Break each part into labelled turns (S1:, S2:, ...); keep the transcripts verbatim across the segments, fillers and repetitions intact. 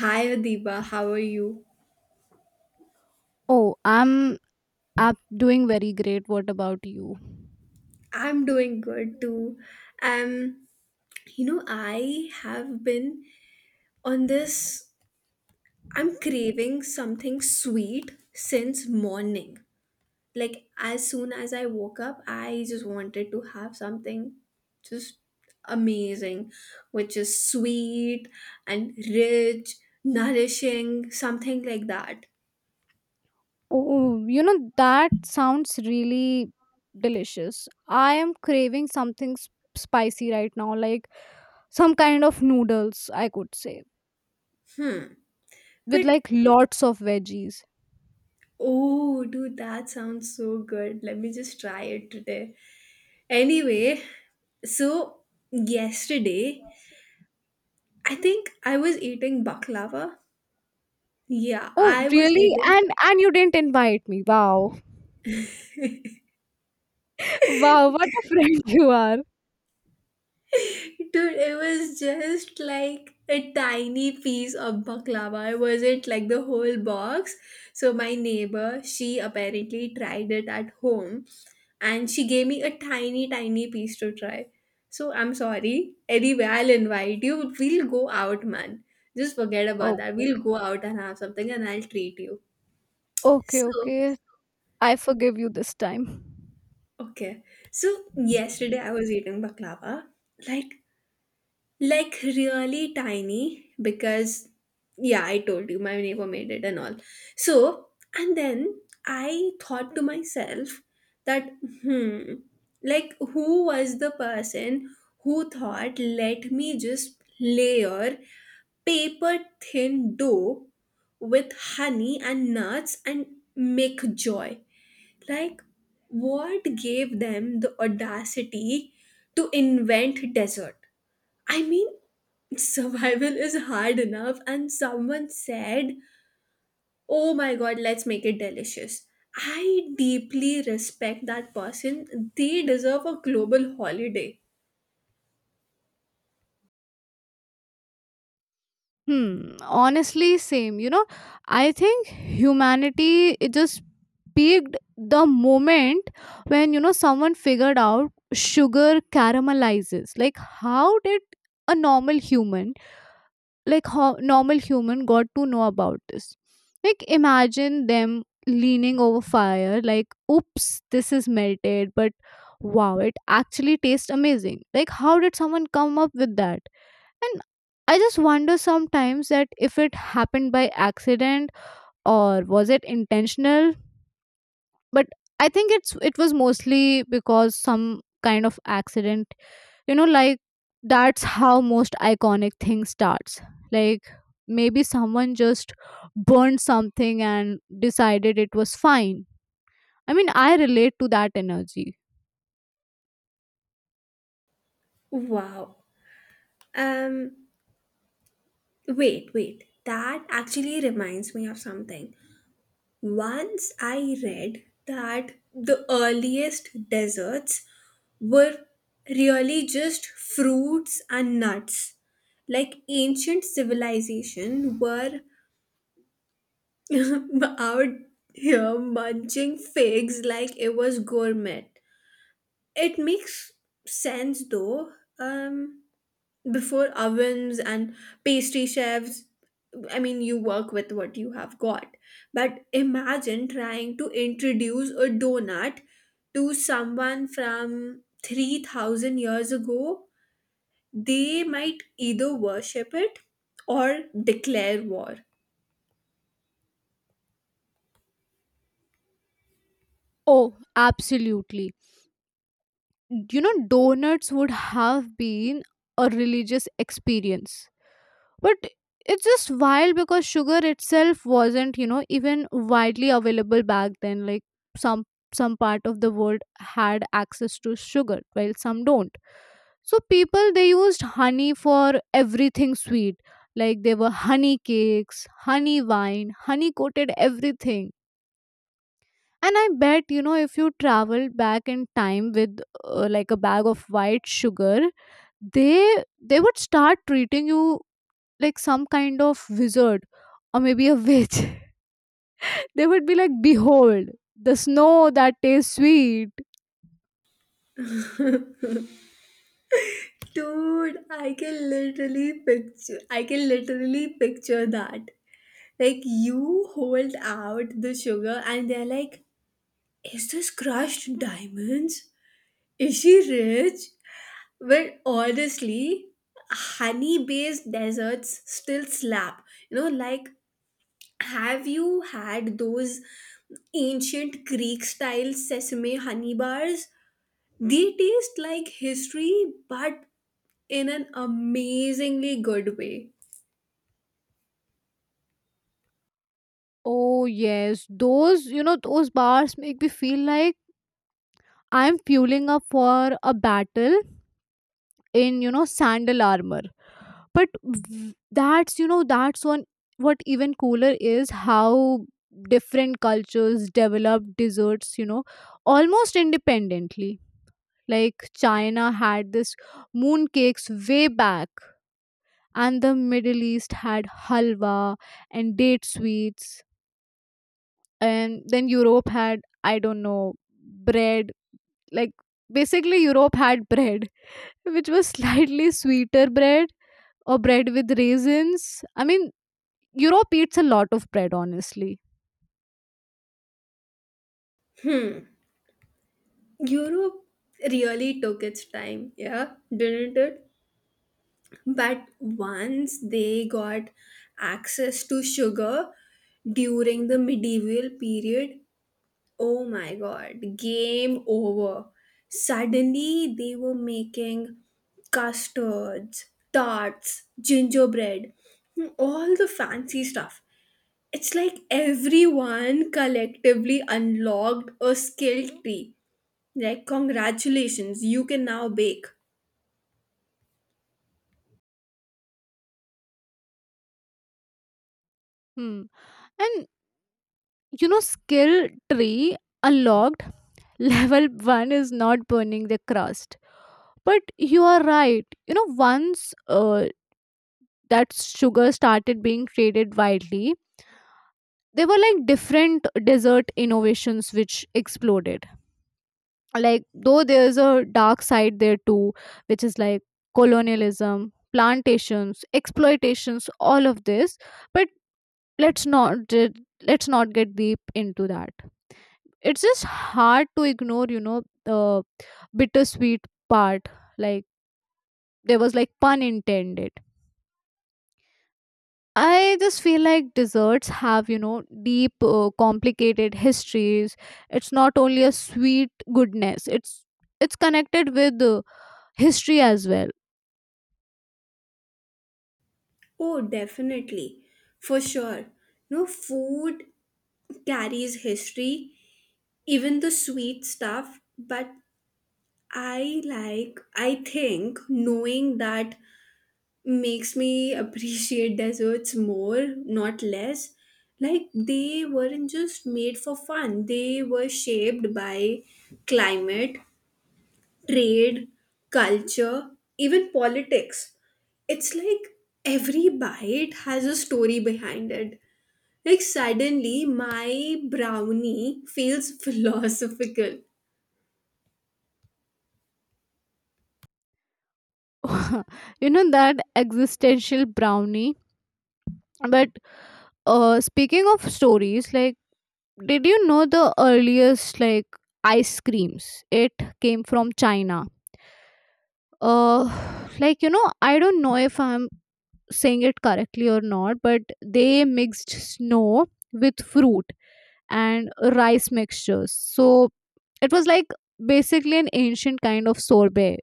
S1: Hi Adiba, how are you?
S2: Oh, I'm I'm doing very great. What about you?
S1: I'm doing good too. Um, you know, I have been on this, I'm craving something sweet since morning. Like, as soon as I woke up, I just wanted to have something just amazing, which is sweet and rich, nourishing, something like that.
S2: Oh, you know that sounds really delicious. I am craving something s- spicy right now, like some kind of noodles, I could say,
S1: Hmm.
S2: with
S1: But
S2: like lots of veggies.
S1: oh, dude, that sounds so good. Let me just try it today. Anyway, so yesterday, I think I was eating baklava. Yeah,
S2: Oh,
S1: I was
S2: really?
S1: eating.
S2: And and you didn't invite me. Wow. Wow, what a friend you are.
S1: Dude, it was just like a tiny piece of baklava. It wasn't like the whole box. So my neighbor, she apparently tried it at home and she gave me a tiny, tiny piece to try. So I'm sorry. Anyway, I'll invite you. We'll go out, man. Just forget about that.
S2: Okay.
S1: We'll go out and have something and I'll treat you.
S2: Okay,
S1: So
S2: okay. I forgive you this time.
S1: okay. So yesterday I was eating baklava, like like really tiny because yeah, I told you my neighbor made it and all. So and then I thought to myself that hmm, like who was the person who thought let me just layer paper thin dough with honey and nuts and make joy, like, what gave them the audacity to invent desert? I mean, survival is hard enough, and someone said, oh my god, let's make it delicious. I deeply respect that person. They deserve a global holiday.
S2: Hmm, honestly same. You know, I think humanity it just peaked the moment when you know someone figured out sugar caramelizes. Like how did a normal human, like how normal human got to know about this, like imagine them leaning over fire like, oops, this is melted, but wow, it actually tastes amazing. Like how did someone come up with that? And I just wonder sometimes that if it happened by accident or was it intentional, but I think it's it was mostly because some kind of accident, you know, like that's how most iconic thing starts. Like maybe someone just burned something and decided it was fine. I mean, I relate to that energy.
S1: Wow. Um, wait, wait. That actually reminds me of something. Once I read that the earliest desserts were really just fruits and nuts. Like ancient civilization were out here munching figs like it was gourmet. It makes sense though. Um Before ovens and pastry chefs, I mean, you work with what you have got, but imagine trying to introduce a donut to someone from three thousand years ago. They might either worship it or declare war.
S2: Oh, absolutely. You know, donuts would have been a religious experience, but it's just wild because sugar itself wasn't, you know, even widely available back then. Like some some part of the world had access to sugar while some don't, so people they used honey for everything sweet. Like there were honey cakes, honey wine, honey coated everything. And I bet, you know, if you traveled back in time with uh, like a bag of white sugar, they they would start treating you like some kind of wizard or maybe a witch. They would be like, "Behold, the snow that tastes sweet."
S1: Dude, i can literally picture i can literally picture that. Like you hold out the sugar and they're like, is this crushed diamonds? Is she rich? Well, honestly, honey based desserts still slap. You know, like, have you had those ancient Greek style sesame honey bars? They taste like history, but in an amazingly good way.
S2: Oh, yes, those, you know, those bars make me feel like I'm fueling up for a battle in, you know, sandal armor. But v- that's, you know, that's one, what even cooler is how different cultures develop desserts, you know, almost independently. Like China had this moon cakes way back, and the middle east had halwa and date sweets, and then europe had, I don't know, bread. Like basically europe had bread, which was slightly sweeter bread or bread with raisins. I mean, europe eats a lot of bread honestly.
S1: Europe really took its time, yeah, didn't it? But once they got access to sugar, during the medieval period, oh my god, game over. Suddenly they were making custards, tarts, gingerbread, hmm, all the fancy stuff. It's like everyone collectively unlocked a skill tree. Like, congratulations, you can now bake.
S2: Hmm. And you know, skill tree unlocked, level one is not burning the crust. But you are right, you know, once uh, that sugar started being traded widely, there were like different dessert innovations which exploded. Like though there's a dark side there too, which is like colonialism, plantations, exploitations, all of this. But let's not let's not get deep into that. It's just hard to ignore, you know, the bittersweet part. Like there was like, pun intended, I just feel like desserts have, you know, deep uh, complicated histories. It's not only a sweet goodness, it's it's connected with uh, history as well.
S1: Oh, definitely. For sure. No, food carries history, even the sweet stuff, but I like, I think knowing that makes me appreciate deserts more, not less. Like, they weren't just made for fun, they were shaped by climate, trade, culture, even politics. It's like every bite has a story behind it. Like, suddenly, my brownie feels philosophical.
S2: You know, that existential brownie. But uh speaking of stories, like did you know the earliest, like ice creams it came from china? Uh like, you know, I don't know if I'm saying it correctly or not, but they mixed snow with fruit and rice mixtures. So it was like basically an ancient kind of sorbet.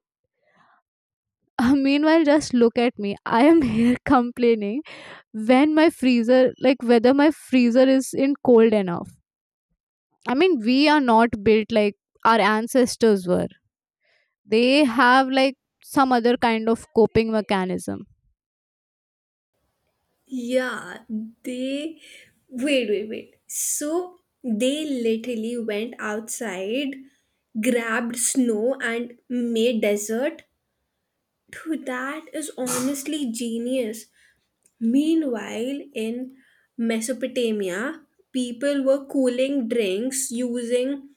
S2: Meanwhile, just look at me, I am here complaining when my freezer, like whether my freezer is in cold enough. I mean, we are not built like our ancestors were. They have like some other kind of coping mechanism.
S1: Yeah, they wait, wait, wait. So they literally went outside, grabbed snow, and made dessert. Dude, that is honestly genius. Meanwhile, in Mesopotamia, people were cooling drinks using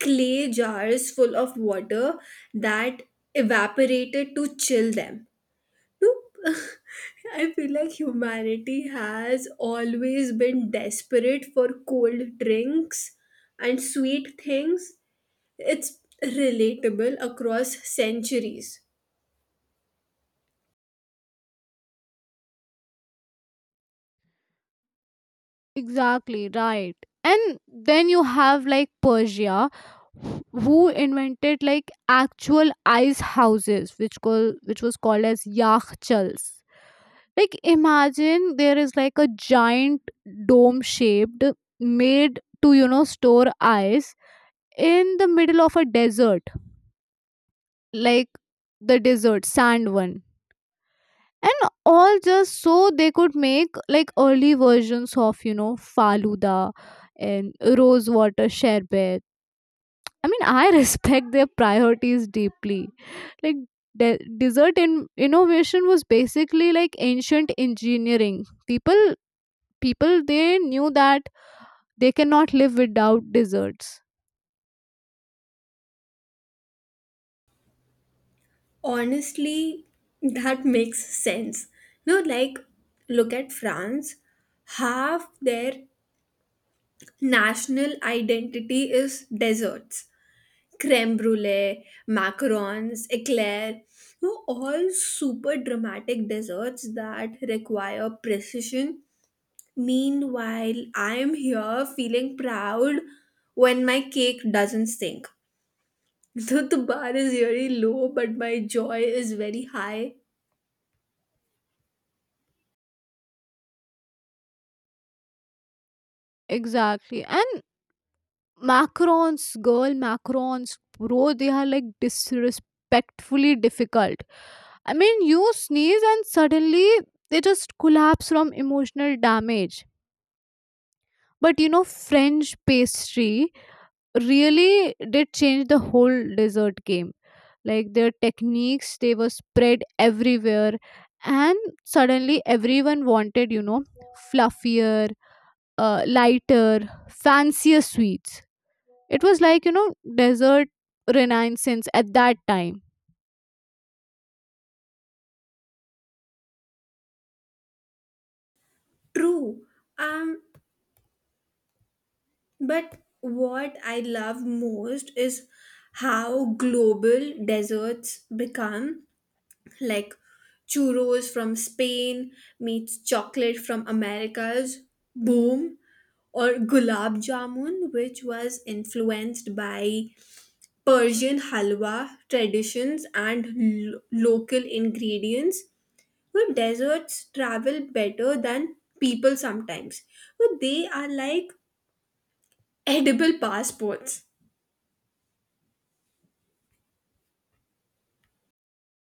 S1: clay jars full of water that evaporated to chill them. Nope. I feel like humanity has always been desperate for cold drinks and sweet things. It's relatable across centuries.
S2: Exactly, right. And then you have like Persia, wh- who invented like actual ice houses which call which was called as yakhchals. Like imagine there is like a giant dome shaped, made to, you know, store ice in the middle of a desert, like the desert sand one and all, just so they could make like early versions of, you know, faluda and rose water sherbet. I mean, I respect their priorities deeply. Like de- dessert in- innovation was basically like ancient engineering. People people they knew that they cannot live without desserts.
S1: Honestly, that makes sense. No, like, look at France. Half their national identity is desserts. Creme brulee, macarons, eclair, no, all super dramatic desserts that require precision. Meanwhile, I am here feeling proud when my cake doesn't sink. So the bar is very low, but my joy is very high.
S2: Exactly. And macrons, girl, macrons, bro, they are like disrespectfully difficult. I mean, you sneeze and suddenly they just collapse from emotional damage. But you know, French pastry really did change the whole dessert game. Like their techniques, they were spread everywhere, and suddenly everyone wanted, you know, fluffier, uh, lighter, fancier sweets. It was like, you know, desert renaissance at that time.
S1: True. Um, but what I love most is how global desserts become, like churros from Spain meets chocolate from Americas, boom, or gulab jamun, which was influenced by Persian halwa traditions and lo- local ingredients. But desserts travel better than people sometimes. But they are like edible passports.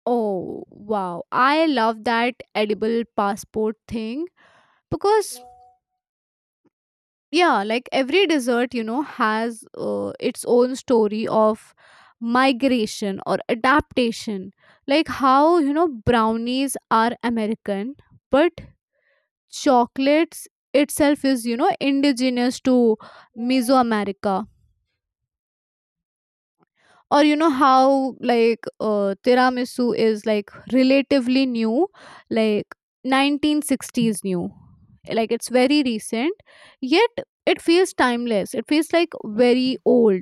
S2: Oh, wow. I love that edible passport thing because, yeah, like every desert, you know, has uh, its own story of migration or adaptation. Like how, you know, brownies are American, but chocolates itself is, you know, indigenous to Mesoamerica. Or you know how like uh, tiramisu is like relatively new, like nineteen sixties new, like it's very recent yet it feels timeless, it feels like very old.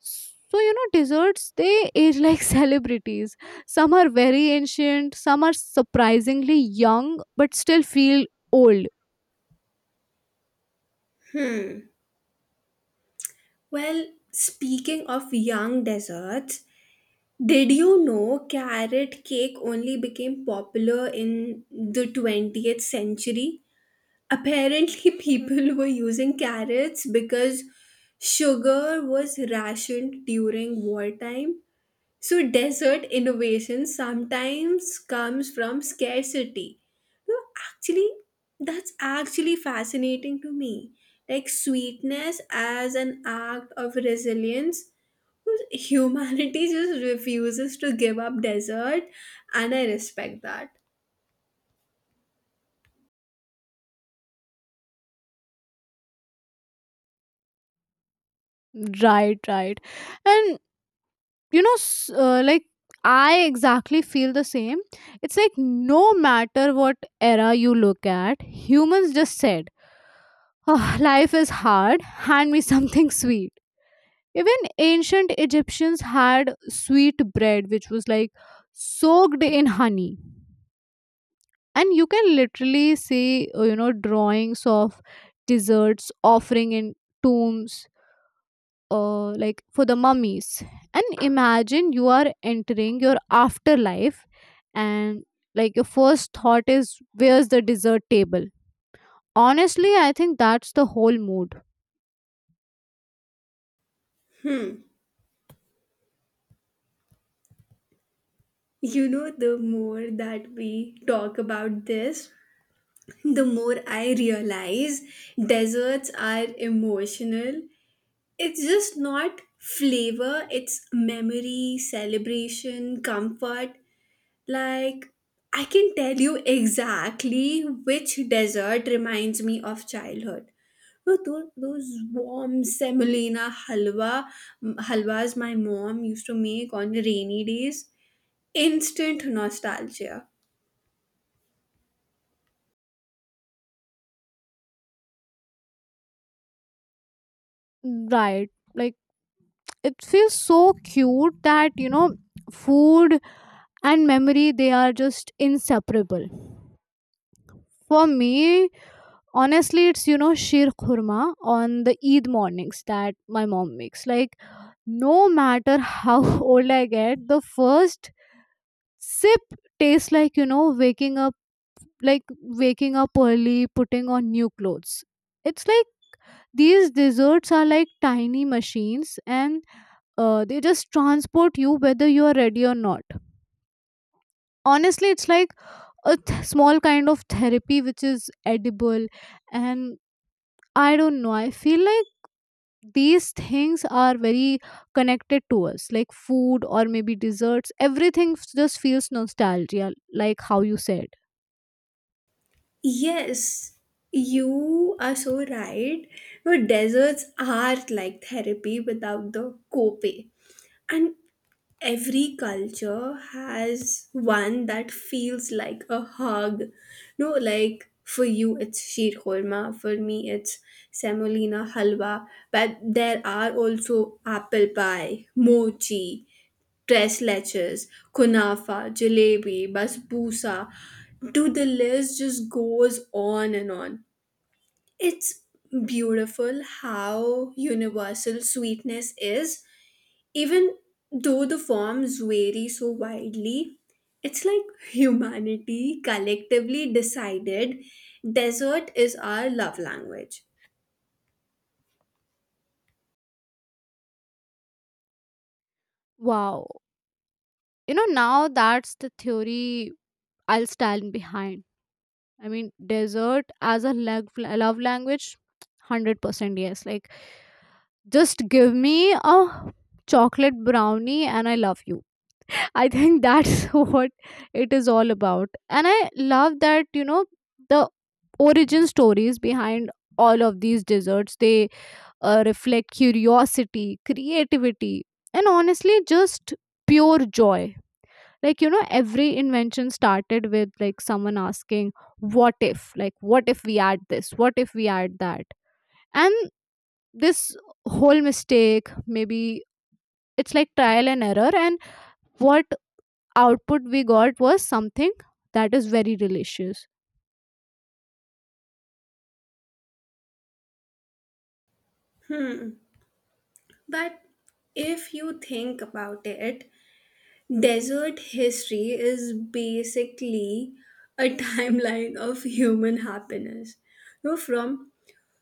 S2: So you know, desserts they age like celebrities. Some are very ancient, some are surprisingly young but still feel old.
S1: Well, speaking of young desserts, did you know carrot cake only became popular in the twentieth century? Apparently, people were using carrots because sugar was rationed during wartime. So, dessert innovation sometimes comes from scarcity. No, actually, that's actually fascinating to me. Like, sweetness as an act of resilience. Humanity just refuses to give up desert, and I respect that.
S2: Right right And you know, s- uh, like I exactly feel the same. It's like no matter what era you look at, humans just said, "Oh, life is hard, hand me something sweet." Even ancient egyptians had sweet bread which was like soaked in honey, and you can literally see uh, you know, drawings of desserts offering in tombs, uh, like for the mummies. And imagine you are entering your afterlife, and like your first thought is, "Where's the dessert table?" Honestly, I think that's the whole mood.
S1: Hmm. You know, the more that we talk about this, the more I realize deserts are emotional. It's just not flavor, it's memory, celebration, comfort. Like, I can tell you exactly which dessert reminds me of childhood. No, those, those warm semolina halwa, halwas my mom used to make on rainy days. Instant nostalgia.
S2: Right, like it feels so cute that you know, food and memory they are just inseparable. For me, honestly, it's you know sheer khurma on the eid mornings that my mom makes. Like no matter how old I get, the first sip tastes like, you know, waking up, like waking up early, putting on new clothes. It's like these desserts are like tiny machines, and uh, they just transport you whether you are ready or not. Honestly it's like a th- small kind of therapy which is edible. And I don't know, I feel like these things are very connected to us. Like food, or maybe desserts, everything f- just feels nostalgia, like how you said.
S1: Yes, you are so right. No, deserts are like therapy without the copay. And every culture has one that feels like a hug. No, like for you it's sheer korma, for me it's semolina halwa, but there are also apple pie, mochi, tres leches, kunafa, jalebi, basbousa. Dude, the list just goes on and on. It's beautiful how universal sweetness is even though the forms vary so widely, it's like humanity collectively decided desert is our love language.
S2: Wow. You know, now that's the theory I'll stand behind. I mean, desert as a lag- love language, one hundred percent yes. Like just give me a chocolate brownie and I love you. I think that's what it is all about. And I love that, you know, the origin stories behind all of these desserts, they uh, reflect curiosity, creativity, and honestly just pure joy. Like you know, every invention started with like someone asking, "What if," like, "What if we add this? What if we add that?" And this whole mistake, maybe it's like trial and error, and what output we got was something that is very delicious.
S1: But if you think about it, desert history is basically a timeline of human happiness. You know, from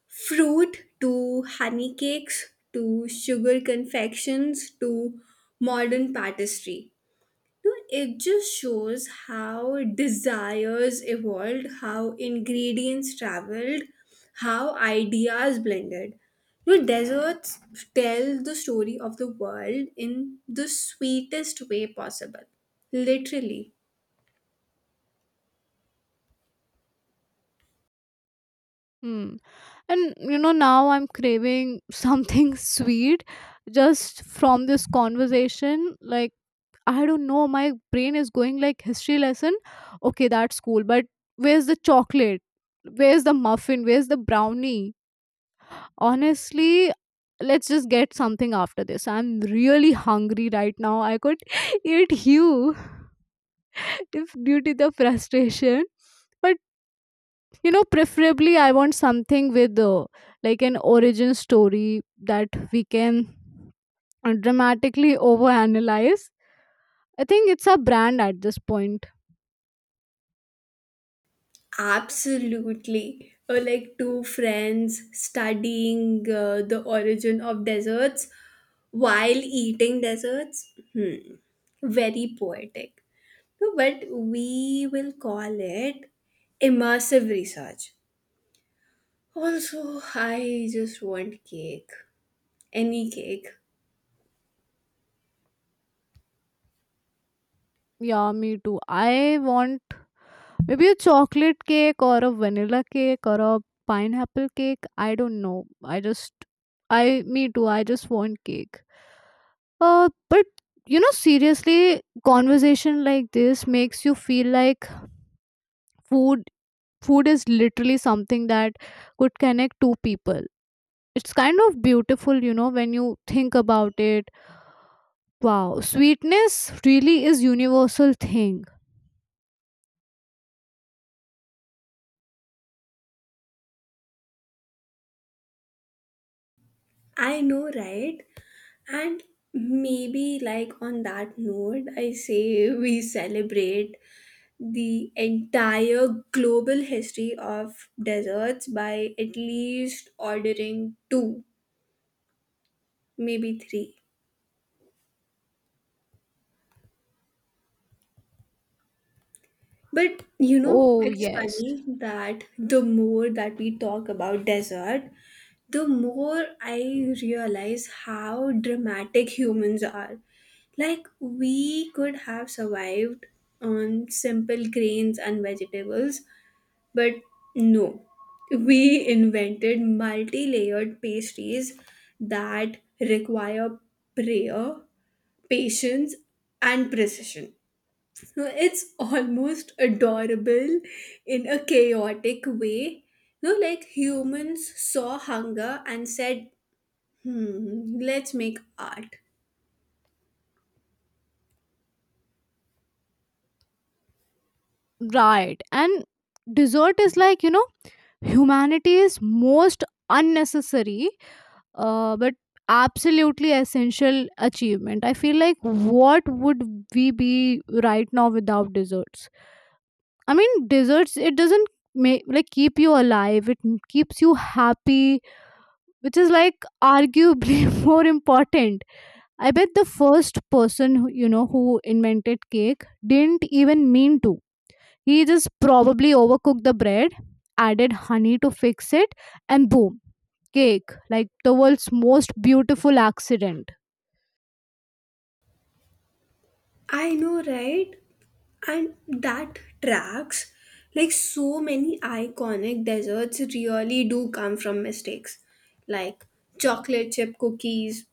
S1: fruit to honey cakes to sugar confections to modern pastry. Dude, it just shows how desires evolved, how ingredients traveled, how ideas blended. Dude, deserts tell the story of the world in the sweetest way possible. Literally.
S2: Hmm. And you know, now I'm craving something sweet just from this conversation. Like I don't know, my brain is going like, "History lesson. Okay, that's cool. But where's the chocolate? Where's the muffin? Where's the brownie?" Honestly, let's just get something after this. I'm really hungry right now. I could eat you if due to the frustration. But you know, preferably I want something with uh, like an origin story that we can uh, dramatically overanalyze. I think it's a brand at this point.
S1: Absolutely. Or like two friends studying uh, the origin of deserts while eating deserts. Hmm. Very poetic. No, but we will call it immersive research. Also, I just want cake. Any cake.
S2: Yeah, me too. I want maybe a chocolate cake or a vanilla cake or a pineapple cake. I don't know. I just, I, me too. I just want cake. Uh, but you know, seriously, conversation like this makes you feel like food, food is literally something that could connect two people. It's kind of beautiful, you know, when you think about it. Wow, sweetness really is universal thing.
S1: I know, right? And maybe, like, on that note, I say we celebrate the entire global history of desserts by at least ordering two, maybe three. But you know,
S2: Oh,
S1: it's
S2: yes.
S1: funny that the more that we talk about dessert, the more I realize how dramatic humans are. Like, we could have survived on simple grains and vegetables, but no. We invented multi layered pastries that require prayer, patience, and precision. No, it's almost adorable in a chaotic way. No, like humans saw hunger and said, hmm, let's make art.
S2: Right. And dessert is like, you know, humanity's most unnecessary uh, but absolutely essential achievement. I feel like what would we be right now without desserts? I mean, desserts, it doesn't make like keep you alive, it m- keeps you happy, which is like arguably more important. I bet the first person who, you know, who invented cake didn't even mean to. He just probably overcooked the bread, added honey to fix it, and boom, cake. Like the world's most beautiful accident.
S1: I know, right? And that tracks. Like so many iconic desserts really do come from mistakes. Like chocolate chip cookies.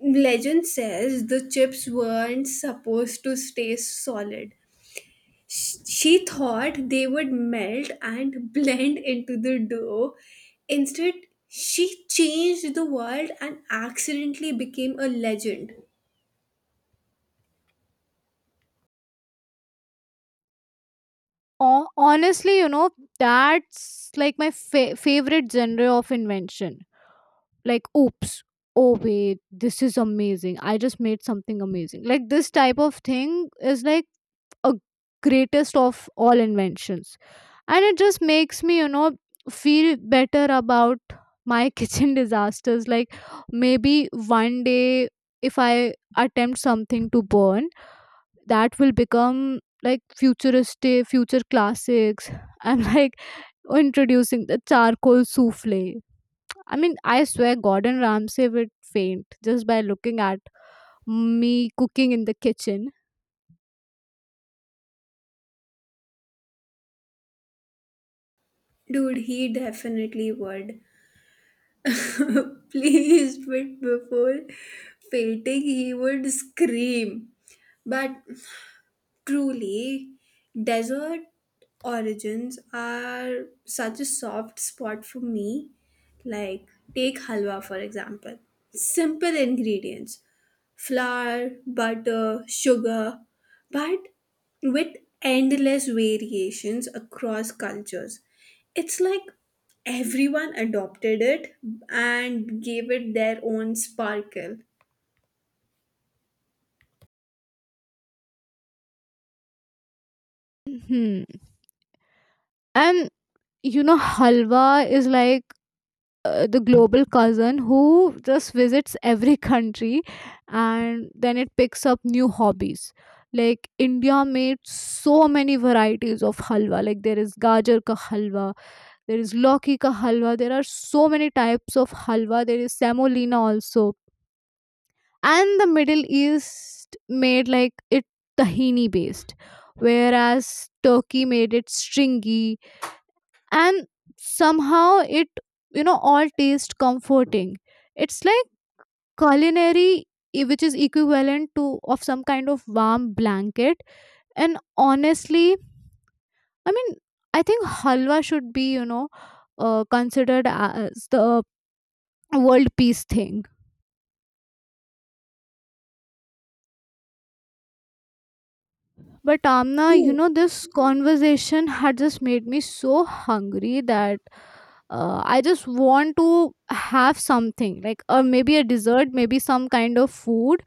S1: Legend says the chips weren't supposed to stay solid. Sh- She thought they would melt and blend into the dough. Instead, she changed the world and accidentally became a legend.
S2: Ho- honestly, you know, that's like my fa- favorite genre of invention. Like, "Oops, oh wait, this is amazing. I just made something amazing." Like this type of thing is like a greatest of all inventions. And it just makes me, you know, feel better about my kitchen disasters. Like maybe one day if I attempt something to burn, that will become like futuristic future classics. I'm like, "Introducing the charcoal souffle." I mean, I swear Gordon Ramsay would faint just by looking at me cooking in the kitchen.
S1: Dude, he definitely would. Please, but before fainting, he would scream. But truly, desert origins are such a soft spot for me. Like, take halwa for example. Simple ingredients: flour, butter, sugar, but with endless variations across cultures. It's like everyone adopted it and gave it their own sparkle.
S2: Hmm. And you know, halwa is like uh, the global cousin who just visits every country and then it picks up new hobbies. Like india made so many varieties of halwa. Like there is gajar ka halwa, there is loki ka halwa, there are so many types of halwa, there is semolina also. And the middle east made like it tahini based, whereas turkey made it stringy, and somehow it, you know, all taste comforting. It's like culinary i- which is equivalent to of some kind of warm blanket. And honestly, I mean, I think halwa should be, you know, uh, considered as the world peace thing. But amna, you
S1: True.
S2: know, this conversation had just made me so hungry that uh, I just want to have something, like or maybe a dessert, maybe some kind of food.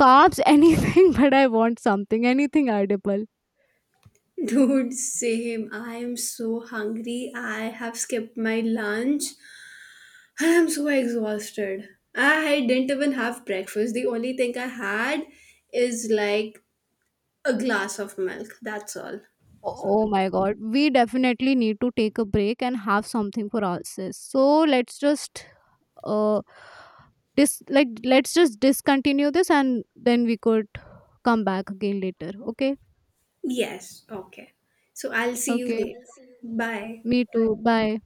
S2: Carbs, anything, but I want something, anything edible.
S1: Dude, same. I am so hungry. I have skipped my lunch and I'm so exhausted. I didn't even have breakfast. The only thing I had is like a glass of milk. That's all.
S2: O- Oh my god, we definitely need to take a break and have something for ourselves. So let's just uh dis like let's just discontinue this, and then we could come back again later. Okay?
S1: Yes, okay. So I'll see you
S2: Okay.
S1: later. Bye.
S2: Me too. Bye.